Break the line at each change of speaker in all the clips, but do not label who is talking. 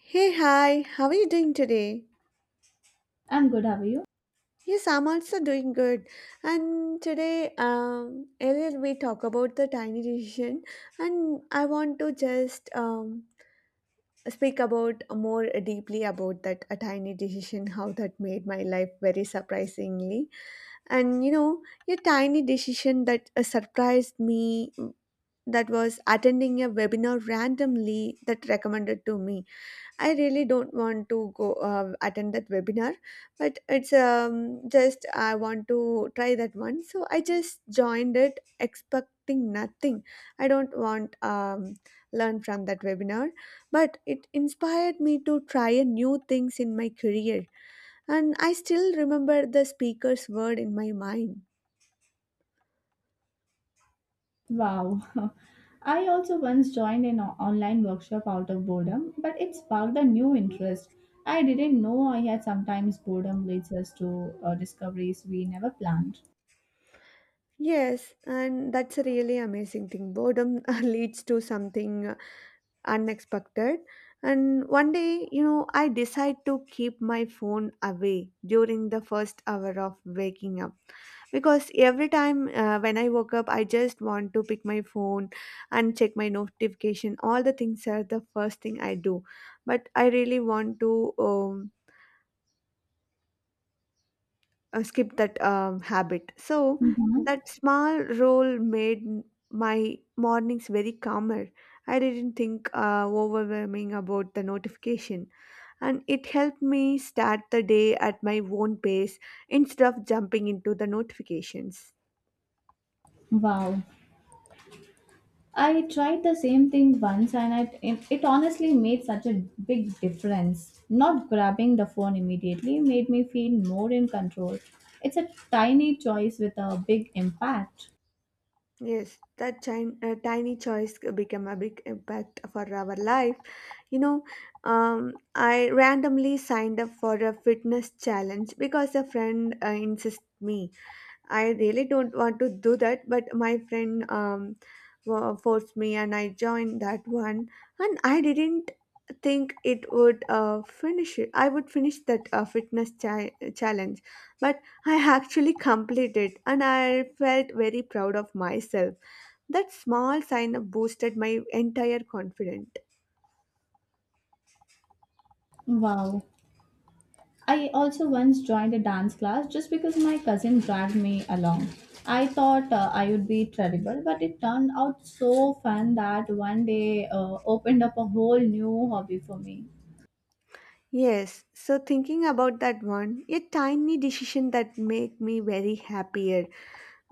Hey, hi, how are you doing today?
I'm good, how are you?
Yes, I'm also doing good. And today, earlier we talk about the tiny decision, and I want to just speak about more deeply about that a tiny decision, how that made my life very surprisingly. And you know, a tiny decision that surprised me that was attending a webinar randomly that recommended to me. I really don't want to go attend that webinar, but it's just I want to try that one. So I just joined it expecting nothing. I don't want learn from that webinar, but it inspired me to try a new things in my career, and I still remember the speaker's word in my mind.
Wow. I also once joined an online workshop out of boredom, but it sparked a new interest. I didn't know I had sometimes boredom leads us to discoveries we never planned.
Yes, and that's a really amazing thing. Boredom leads to something unexpected. And one day, you know, I decide to keep my phone away during the first hour of waking up, because every time when I woke up I just want to pick my phone and check my notification, all the things are the first thing I do. But I really want to skip that habit. So
Mhm.
that small role made my mornings very calmer. I didn't think overwhelming about the notification, and it helped me start the day at my own pace instead of jumping into the notifications.
Wow. I tried the same thing once and it honestly made such a big difference. Not grabbing the phone immediately made me feel more in control. It's a tiny choice with a big impact.
Yes, that tiny choice became a big impact for our life. You know, I randomly signed up for a fitness challenge because a friend insisted me. I really don't want to do that, but my friend forced me and I joined that one. And I didn't think it would finish it. I would finish that fitness challenge, but I actually completed and I felt very proud of myself. That small sign up boosted my entire confidence.
Wow. I also once joined a dance class just because my cousin dragged me along. I thought I would be terrible, but it turned out so fun that one day opened up a whole new hobby for me.
Yes, so thinking about that one, a tiny decision that made me very happier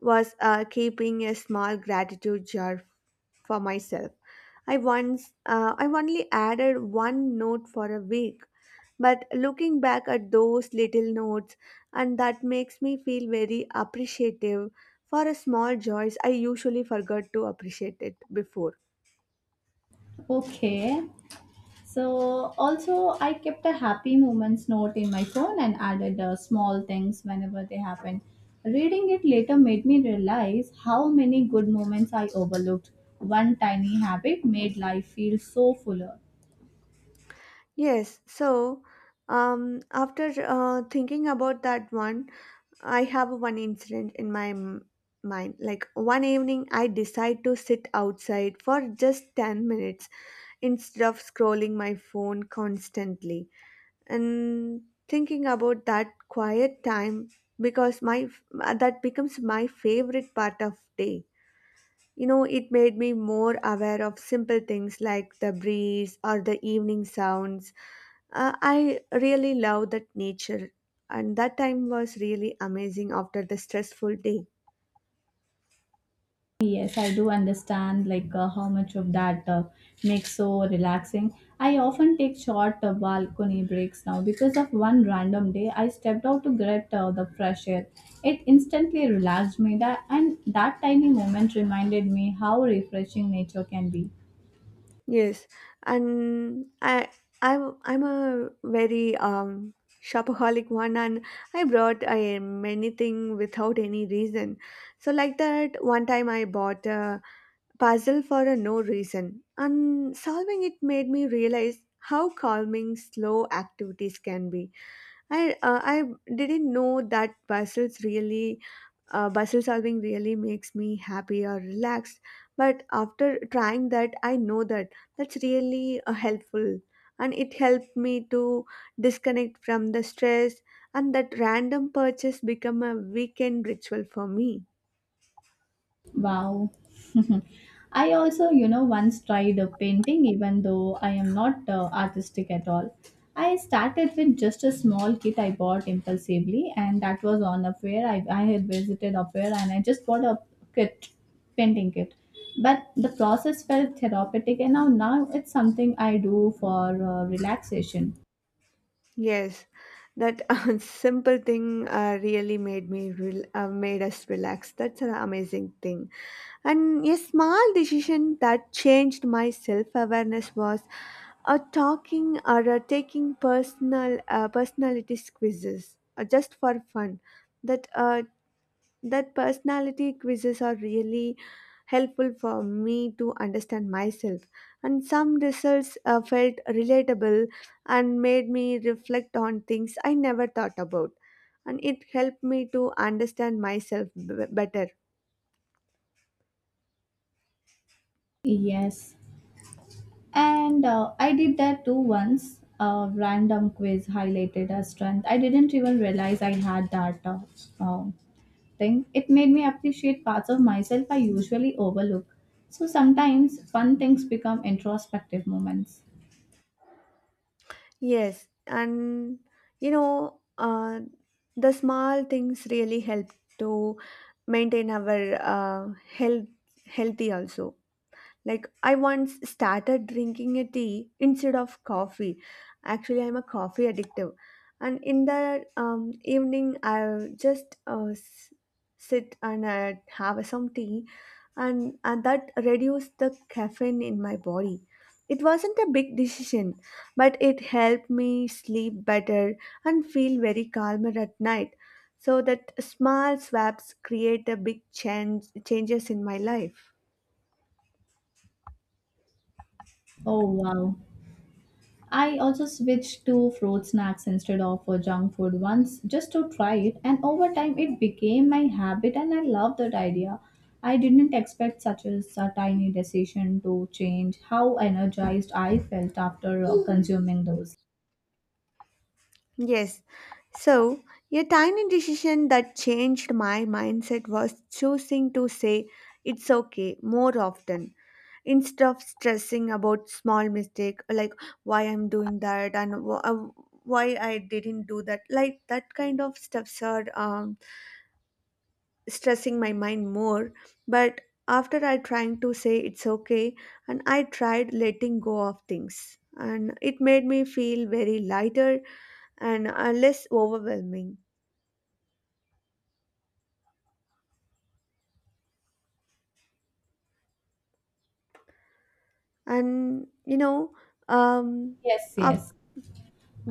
was keeping a small gratitude jar for myself. I once, I only added one note for a week, but looking back at those little notes, and that makes me feel very appreciative for a small joys I usually forgot to appreciate it before.
Okay, so also I kept a happy moments note in my phone and added small things whenever they happened. Reading it later made me realize how many good moments I overlooked. One tiny habit made life feel so fuller.
Yes, so after thinking about that one. I have one incident in my mind. Like one evening, I decide to sit outside for just 10 minutes instead of scrolling my phone constantly. And thinking about that quiet time, because my that becomes my favorite part of day, you know, it made me more aware of simple things like the breeze or the evening sounds. I really love that nature, and that time was really amazing after the stressful day.
Yes, I do understand like how much of that makes so relaxing. I often take short balcony breaks now because of one random day I stepped out to get the fresh air. It instantly relaxed me that and that tiny moment reminded me how refreshing nature can be.
Yes, and I'm a very shopaholic one, and I brought many thing without any reason. So like that, one time I bought a puzzle for a no reason, and solving it made me realize how calming slow activities can be. I didn't know that puzzles really. Puzzle solving really makes me happy or relaxed, but after trying that I know that that's really helpful, and it helped me to disconnect from the stress, and that random purchase become a weekend ritual for me.
Wow. I also, you know, once tried a painting, even though I am not artistic at all. I started with just a small kit I bought impulsively, and that was on a fair. I had visited a fair and I just bought a kit, painting kit. But the process felt therapeutic, and now it's something I do for relaxation.
Yes, that simple thing really made me rel- made us relax. That's an amazing thing. And a small decision that changed my self awareness was talking or taking personal personality quizzes just for fun. That uh, that personality quizzes are really helpful for me to understand myself, and some results felt relatable and made me reflect on things I never thought about, and it helped me to understand myself better.
Yes, and I did that too once. A random quiz highlighted a strength. I didn't even realize I had that um, thing. It made me appreciate parts of myself I usually overlook. So sometimes fun things become introspective moments.
Yes, and you know, the small things really help to maintain our health healthy also. Like, I once started drinking a tea instead of coffee. Actually, I'm a coffee addictive. And in the evening, I'll just sit and have some tea, and that reduced the caffeine in my body. It wasn't a big decision, but it helped me sleep better and feel very calmer at night. So that small swaps create a big change changes in my life.
Oh, wow. I also switched to fruit snacks instead of junk food once just to try it, and over time it became my habit, and I love that idea. I didn't expect such a tiny decision to change how energized I felt after consuming those.
Yes. So, a tiny decision that changed my mindset was choosing to say it's okay more often instead of stressing about small mistake, like why I'm doing that and why I didn't do that. Like that kind of stuff are stressing my mind more. But after I trying to say it's okay, and I tried letting go of things, and it made me feel very lighter and less overwhelming. And you know um
Yes,
af-
yes.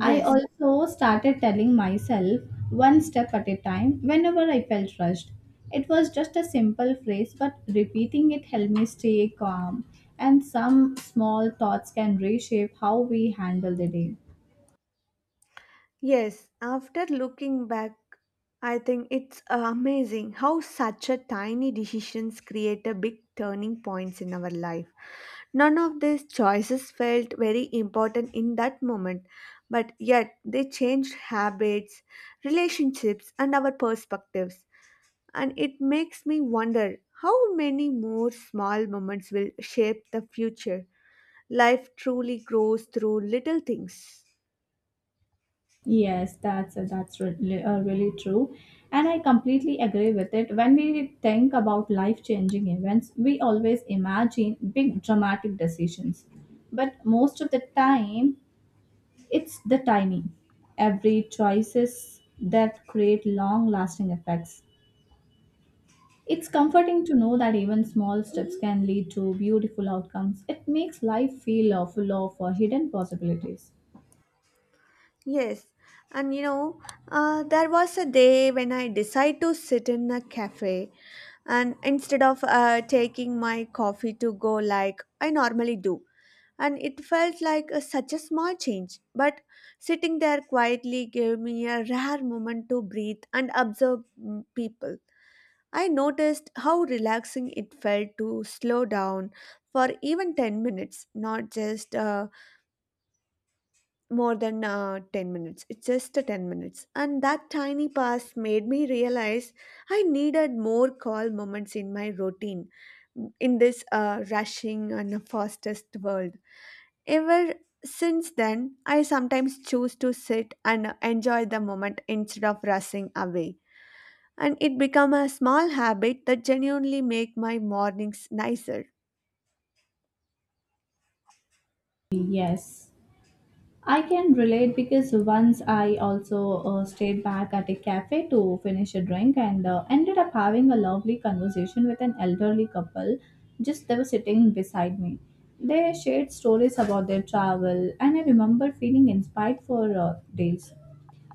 I also started telling myself one step at a time whenever I felt rushed. It was just a simple phrase, but repeating it helped me stay calm, and some small thoughts can reshape how we handle the day.
yes, after looking back, I think it's amazing how such a tiny decisions create a big turning points in our life. None of these choices felt very important in that moment, but yet they changed habits, relationships and our perspectives, and it makes me wonder how many more small moments will shape the future. Life truly grows through little things.
Yes, that's really, really true, and I completely agree with it. When we think about life-changing events, we always imagine big dramatic decisions, but most of the time it's the timing. Every choices that create long-lasting effects. It's comforting to know that even small steps can lead to beautiful outcomes. It makes life feel full of hidden possibilities.
Yes, and you know, there was a day when I decided to sit in a cafe and instead of taking my coffee to go like I normally do. And it felt like such a small change, but sitting there quietly gave me a rare moment to breathe and observe people. I noticed how relaxing it felt to slow down for even 10 minutes, not just more than 10 minutes, it's just a 10 minutes, and that tiny pass made me realize I needed more call moments in my routine in this rushing and fastest world ever. Since then, I sometimes choose to sit and enjoy the moment instead of rushing away, and it become a small habit that genuinely make my mornings nicer.
Yes. I can relate because once I also stayed back at a cafe to finish a drink and ended up having a lovely conversation with an elderly couple. Just they were sitting beside me. They shared stories about their travel, and I remember feeling inspired for days.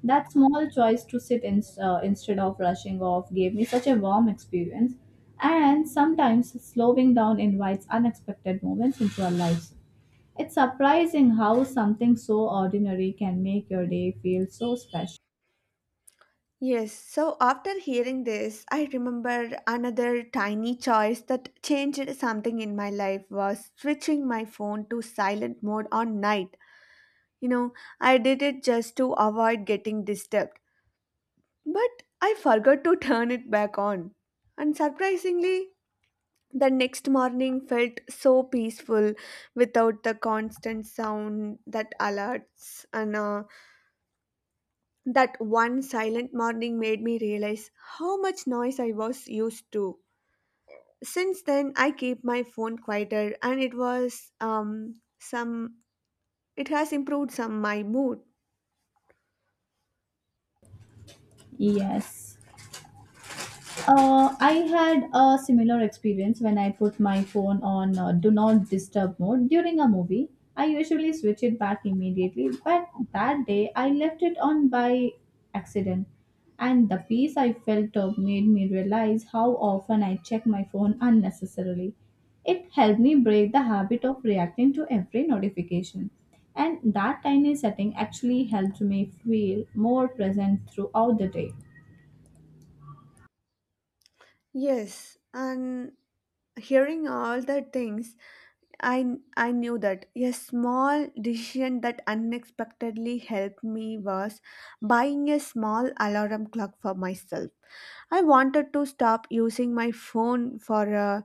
That small choice to sit in instead of rushing off gave me such a warm experience. And sometimes slowing down invites unexpected moments into our lives. It's surprising how something so ordinary can make your day feel so special.
Yes, so after hearing this, I remember another tiny choice that changed something in my life was switching my phone to silent mode on night. You know, I did it just to avoid getting disturbed, but I forgot to turn it back on. And surprisingly, the next morning felt so peaceful without the constant sound that alerts and that one silent morning made me realize how much noise I was used to. Since then, I keep my phone quieter, and it was some. It has improved some my mood.
Yes. I had a similar experience when I put my phone on do not disturb mode during a movie. I usually switch it back immediately, but that day I left it on by accident. And the peace I felt made me realize how often I check my phone unnecessarily. It helped me break the habit of reacting to every notification. And that tiny setting actually helped me feel more present throughout the day.
Yes, and hearing all the things, I knew that a small decision that unexpectedly helped me was buying a small alarm clock for myself. I wanted to stop using my phone for a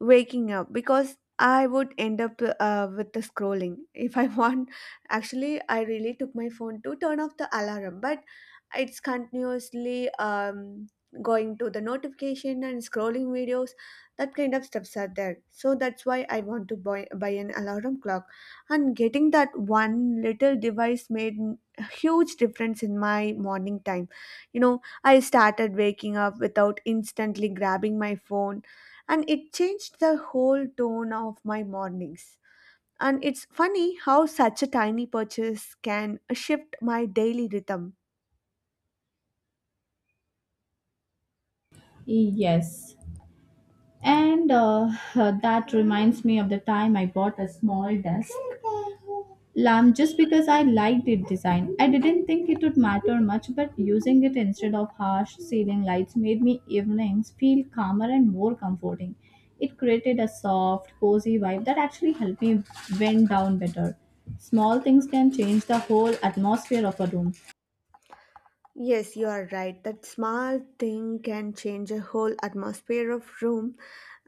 waking up because I would end up with the scrolling. If I want, actually, I really took my phone to turn off the alarm, but it's continuously going to the notification and scrolling videos. That kind of stuffs are there. So that's why I want to buy an alarm clock. And getting that one little device made a huge difference in my morning time. You know, I started waking up without instantly grabbing my phone, and it changed the whole tone of my mornings. And it's funny how such a tiny purchase can shift my daily rhythm.
Yes, and that reminds me of the time I bought a small desk lamp just because I liked its design. I didn't think it would matter much, but using it instead of harsh ceiling lights made me evenings feel calmer and more comforting. It created a soft, cozy vibe that actually helped me wind down better. Small things can change the whole atmosphere of a room.
Yes, you are right. That small thing can change a whole atmosphere of room.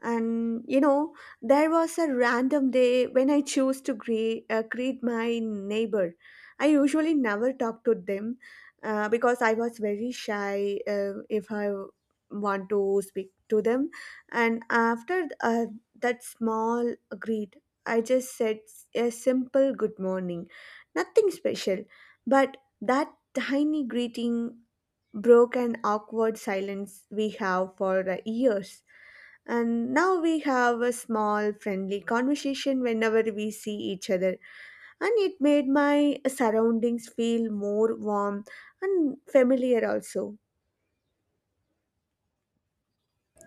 And you know, there was a random day when I chose to greet my neighbor. I usually never talk to them because I was very shy if I want to speak to them. And after that small greet, I just said a simple good morning, nothing special, but that tiny greeting broke an awkward silence we have for years. And now we have a small friendly conversation whenever we see each other, and it made my surroundings feel more warm and familiar also.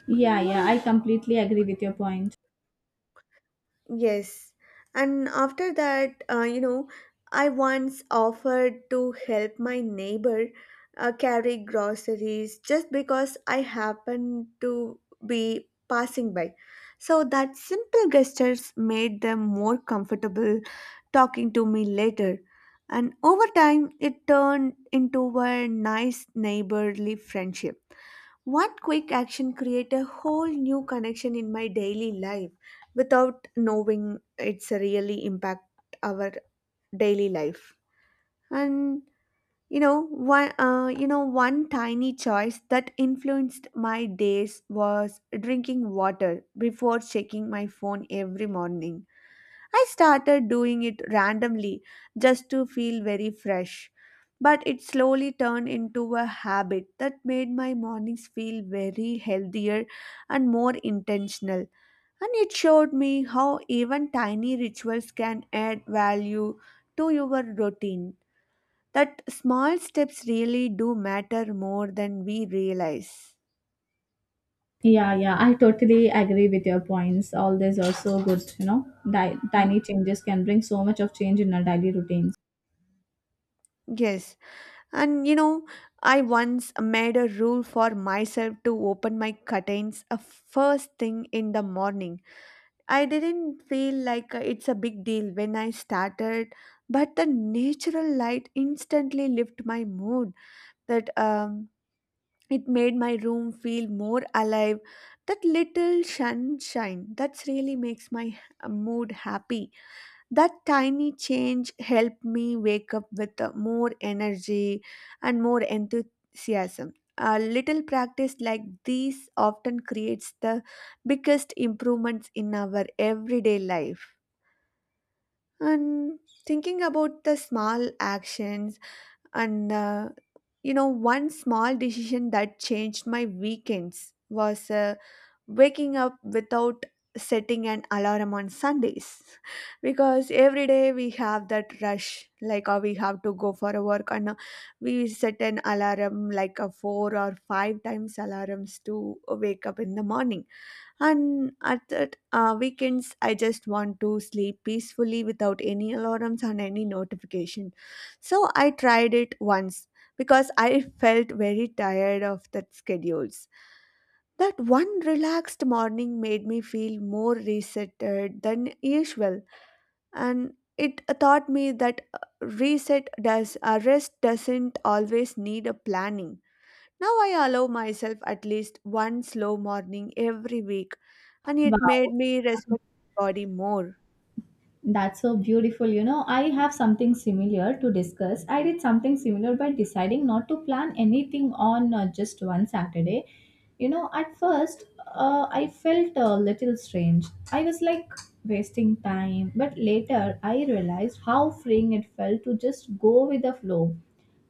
Yeah, yeah, I completely agree with your point.
Yes. And after that, you know, I once offered to help my neighbor carry groceries just because I happened to be passing by. So that simple gestures made them more comfortable talking to me later. And over time, it turned into a nice neighborly friendship. One quick action create a whole new connection in my daily life without knowing it's really impact our daily life. And one tiny choice that influenced my days was drinking water before checking my phone every morning. I started doing it randomly just to feel very fresh. But it slowly turned into a habit that made my mornings feel very healthier and more intentional. And it showed me how even tiny rituals can add value to your routine. That small steps really do matter more than we realize.
Yeah, yeah, I totally agree with your points. All these are so good, you know. Di-
Y-
tiny changes can bring so much of change in our daily routines.
Yes. And you know, I once made a rule for myself to open my curtains a first thing in the morning. I didn't feel like it's a big deal when I started, but the natural light instantly lifted my mood. That It made my room feel more alive. That little sunshine that's really makes my mood happy. That tiny change helped me wake up with more energy and more enthusiasm. A little practice like these often creates the biggest improvements in our everyday life. And thinking about the small actions, and you know one small decision that changed my weekends was a waking up without setting an alarm on Sundays because every day we have that rush, like we have to go for a work, and we set an alarm like a four or five times alarms to wake up in the morning. And at that weekends, I just want to sleep peacefully without any alarms and any notification. So I tried it once because I felt very tired of that schedules. That one relaxed morning made me feel more resetted than usual, and it taught me that reset does rest doesn't always need a planning. Now I allow myself at least one slow morning every week, and it made
Wow.
me respect my body more.
That's so beautiful. You know, I have something similar to discuss. I did something similar by deciding not to plan anything on just one Saturday. You know, at first, I felt a little strange. I was like wasting time, but later I realized how freeing it felt to just go with the flow.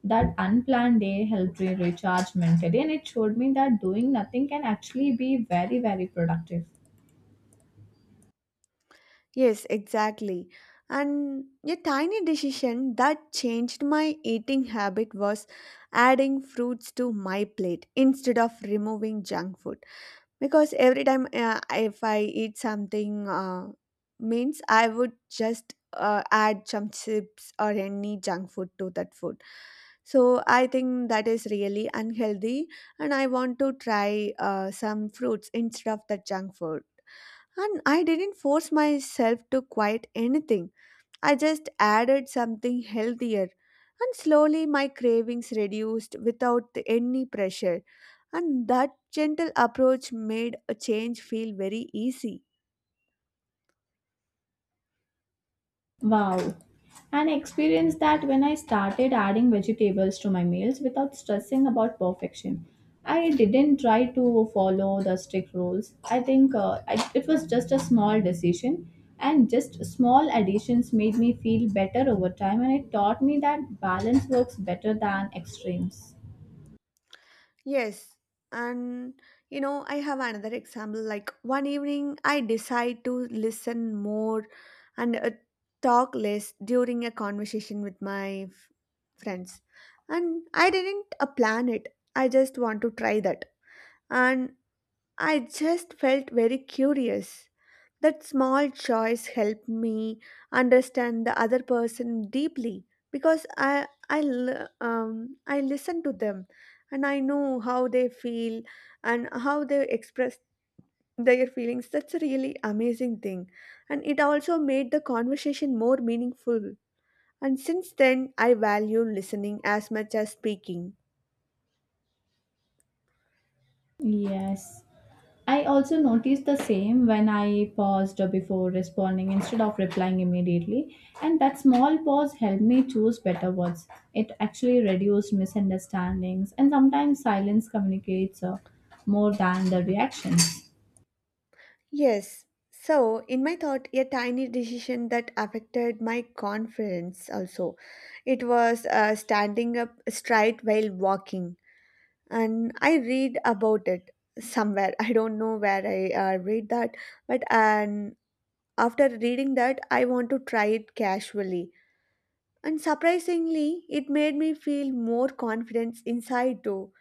That unplanned day helped me recharge mentally, and it showed me that doing nothing can actually be very, very productive.
Yes, exactly. And a tiny decision that changed my eating habit was adding fruits to my plate instead of removing junk food, because every time if I eat something means I would just add some chips or any junk food to that food. So I think that is really unhealthy, and I want to try some fruits instead of the junk food. And I didn't force myself to quit anything. I just added something healthier, and slowly my cravings reduced without any pressure. And that gentle approach made a change feel very easy.
Wow. An experience that when I started adding vegetables to my meals without stressing about perfection. I didn't try to follow the strict rules. I think it was just a small decision, and just small additions made me feel better over time, and it taught me that balance works better than extremes.
Yes, and you know, I have another example. Like, one evening, I decide to listen more and talk less during a conversation with my friends. And I didn't plan it, I just want to try that. And I just felt very curious. That small choice helped me understand the other person deeply, because I listen to them and I know how they feel and how they express their feelings. That's a really amazing thing, and it also made the conversation more meaningful. And since then, I value listening as much as speaking.
Yes. I also noticed the same when I paused before responding instead of replying immediately, and that small pause helped me choose better words. It actually reduced misunderstandings, and sometimes silence communicates more than the reactions.
Yes. So, in my thought, a tiny decision that affected my confidence also. It was standing up straight while walking, and I read about it somewhere. I don't know where I read that, but and after reading that, I want to try it casually. And surprisingly, it made me feel more confidence inside too,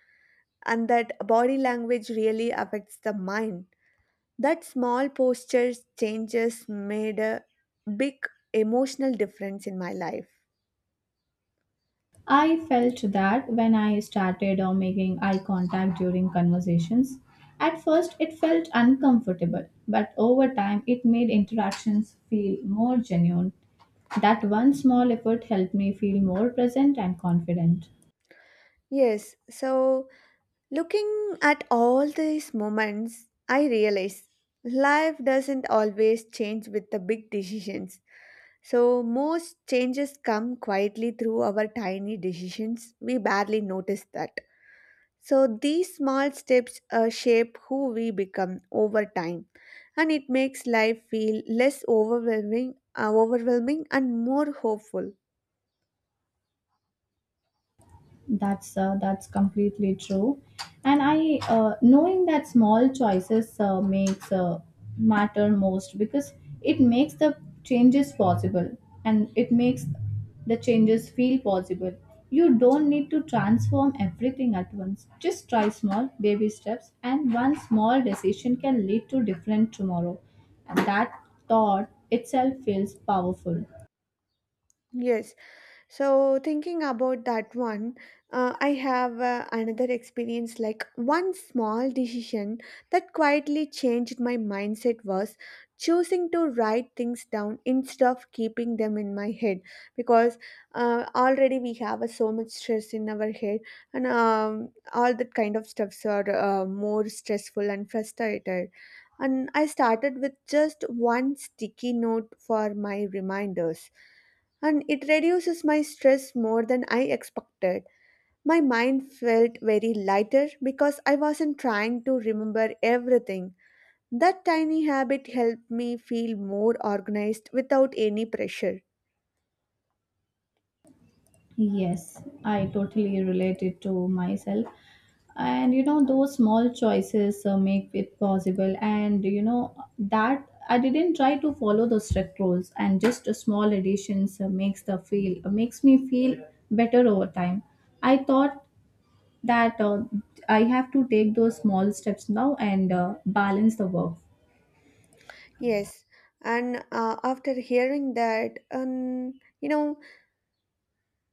and that body language really affects the mind. That small posture changes made a big emotional difference in my life.
I felt that when I started making eye contact during conversations. At first, it felt uncomfortable, but over time, it made interactions feel more genuine. That one small effort helped me feel more present and confident.
Yes, so looking at all these moments, I realize life doesn't always change with the big decisions. So, most changes come quietly through our tiny decisions. We barely notice that. So these small steps shape who we become over time, and it makes life feel less overwhelming and more hopeful.
That's completely true, and I knowing that small choices makes matter most because it makes the changes possible and it makes the changes feel possible. You don't need to transform everything at once. Just try small baby steps, and one small decision can lead to different tomorrow, and that thought itself feels powerful.
Yes. So, thinking about that one, I have another experience. Like, one small decision that quietly changed my mindset was choosing to write things down instead of keeping them in my head, because already we have so much stress in our head, and all that kind of stuffs are more stressful and frustrated. And I started with just one sticky note for my reminders, and it reduces my stress more than I expected. My mind felt very lighter because I wasn't trying to remember everything. That tiny habit helped me feel more organized without any pressure.
Yes, I totally relate it to myself. And you know, those small choices make it possible. And you know, that I didn't try to follow the strict rules, and just a small additions makes me feel better over time. I thought that I have to take those small steps now and balance the work.
Yes, and after hearing that, you know,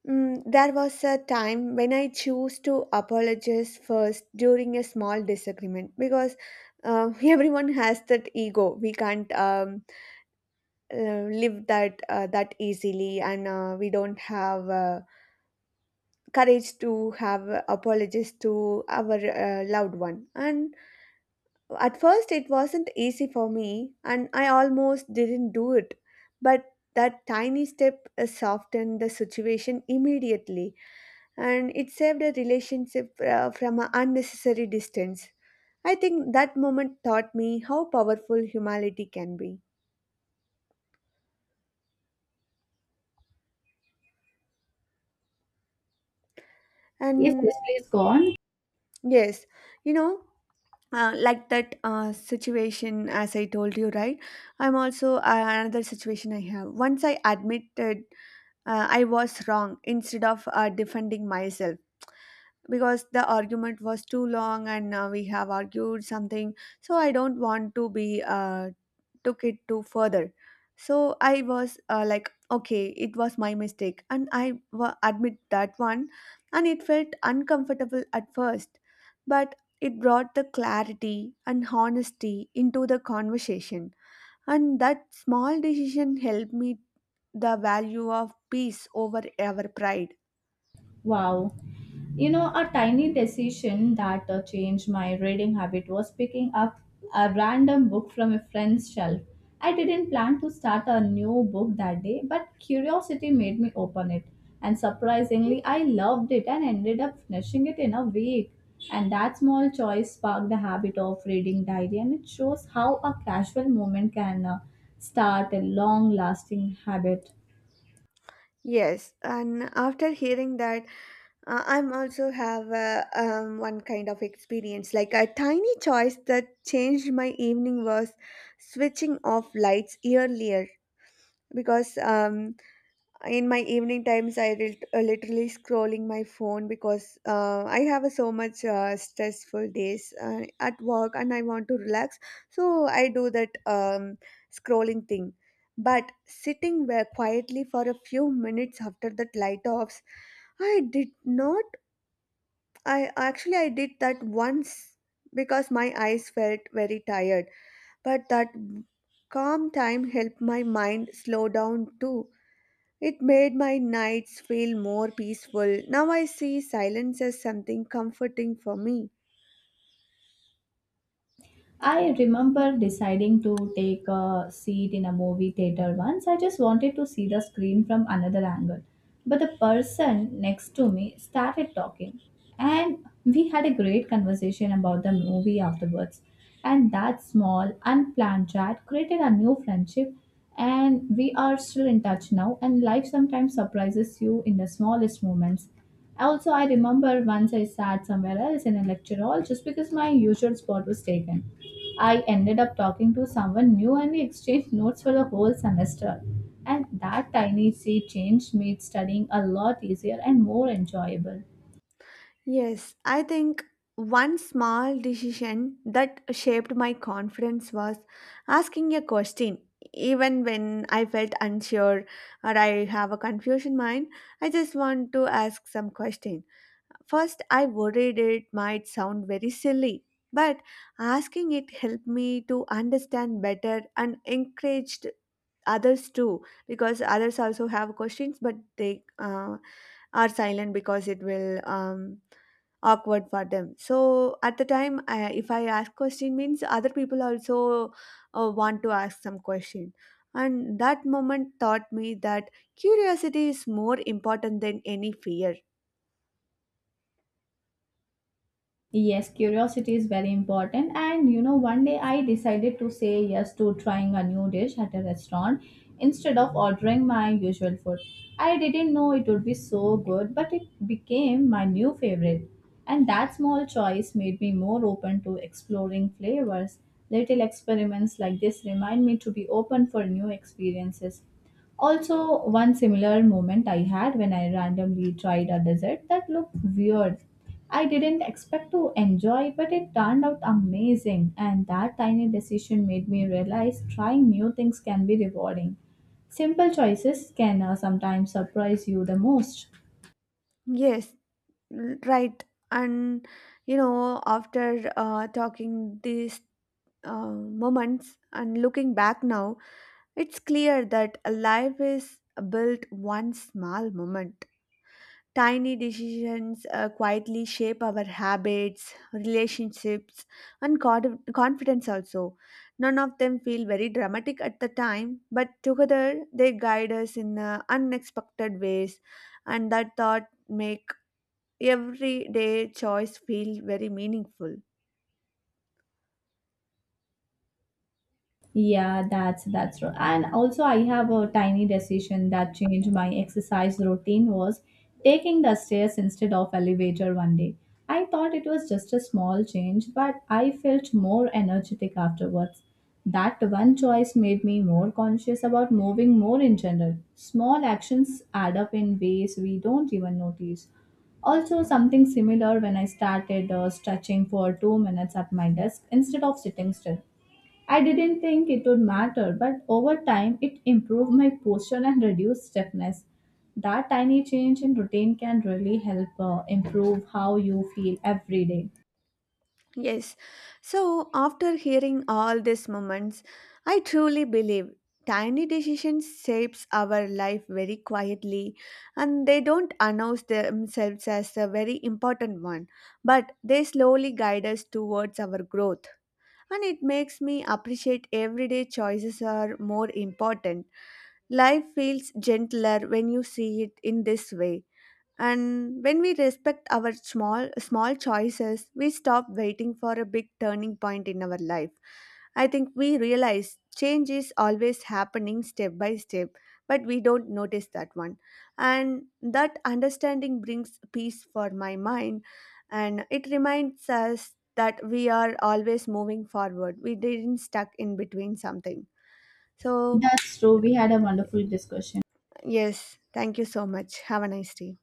there was a time when I chose to apologize first during a small disagreement, because everyone has that ego. We can't live that easily, and we don't have courage to have apologies to our loved one. And at first it wasn't easy for me, and I almost didn't do it, but that tiny step softened the situation immediately, and it saved a relationship from an unnecessary distance. I think that moment taught me how powerful humility can be.
Yes,
And
yes, please go on.
yes, you know, like that situation as I told you, right, I'm also another situation I have. Once I admitted I was wrong instead of defending myself, because the argument was too long, and we have argued something. So I don't want to be took it to further. So I was like, okay, it was my mistake, and I admit that one. And it felt uncomfortable at first, but it brought the clarity and honesty into the conversation, and that small decision helped me the value of peace over our pride.
Wow. You know, a tiny decision that changed my reading habit was picking up a random book from a friend's shelf. I didn't plan to start a new book that day, but curiosity made me open it. And surprisingly, I loved it and ended up finishing it in a week. And that small choice sparked the habit of reading diary, and it shows how a casual moment can start a long lasting habit.
Yes, and after hearing that, I'm also have one kind of experience. Like, a tiny choice that changed my evening was switching off lights earlier, because in my evening times I literally scrolling my phone, because I have a so much stressful days at work and I want to relax. So I do that scrolling thing. But sitting where quietly for a few minutes after that light offs, I did not. I actually I did that once, because my eyes felt very tired, but that calm time helped my mind slow down too. It made my nights feel more peaceful. Now I see silence as something comforting for me.
I remember deciding to take a seat in a movie theater once. I just wanted to see the screen from another angle. But the person next to me started talking, and we had a great conversation about the movie afterwards. And that small, unplanned chat created a new friendship, and we are still in touch now. And life sometimes surprises you in the smallest moments. Also, I remember once I sat somewhere else in a lecture hall just because my usual spot was taken. I ended up talking to someone new and we exchanged notes for the whole semester. And that tiny sea change made studying a lot easier and more enjoyable.
Yes, I think one small decision that shaped my confidence was asking a question. Even when I felt unsure or I have a confusion mind, I just want to ask some question. First, I worried it might sound very silly, but asking it helped me to understand better and encouraged others too, because others also have questions but they are silent because it will awkward for them. So at the time, if I ask question means other people also want to ask some question. And that moment taught me that curiosity is more important than any fear.
Yes, curiosity is very important. And you know, one day I decided to say yes to trying a new dish at a restaurant instead of ordering my usual food. I didn't know it would be so good, but it became my new favorite. And that small choice made me more open to exploring flavors. Little experiments like this remind me to be open for new experiences. Also, one similar moment I had when I randomly tried a dessert that looked weird. I didn't expect to enjoy, but it turned out amazing, and that tiny decision made me realize trying new things can be rewarding. Simple choices can sometimes surprise you the most.
Yes, right. And you know, after talking these moments and looking back now, it's clear that a life is built one small moment. Tiny decisions quietly shape our habits, relationships, and confidence also. None of them feel very dramatic at the time, but together they guide us in unexpected ways, and that thought make everyday choice feel very meaningful.
Yeah, that's true. And also, I have a tiny decision that changed my exercise routine was taking the stairs instead of elevator one day. I thought it was just a small change, but I felt more energetic afterwards. That one choice made me more conscious about moving more in general. Small actions add up in ways we don't even notice. Also, something similar when I started stretching for 2 minutes at my desk instead of sitting still. I didn't think it would matter, but over time it improved my posture and reduced stiffness. That tiny change in routine can really help improve how you feel every day.
Yes. So after hearing all these moments, I truly believe tiny decisions shapes our life very quietly, and they don't announce themselves as a very important one, but they slowly guide us towards our growth. And it makes me appreciate everyday choices are more important. Life feels gentler when you see it in this way. And when we respect our small choices, we stop waiting for a big turning point in our life. I think we realize change is always happening step by step, but we don't notice that one. And that understanding brings peace for my mind, and it reminds us that we are always moving forward. We didn't stuck in between something. So,
That's true. We had a wonderful discussion.
yes, thank you so much. Have a nice day.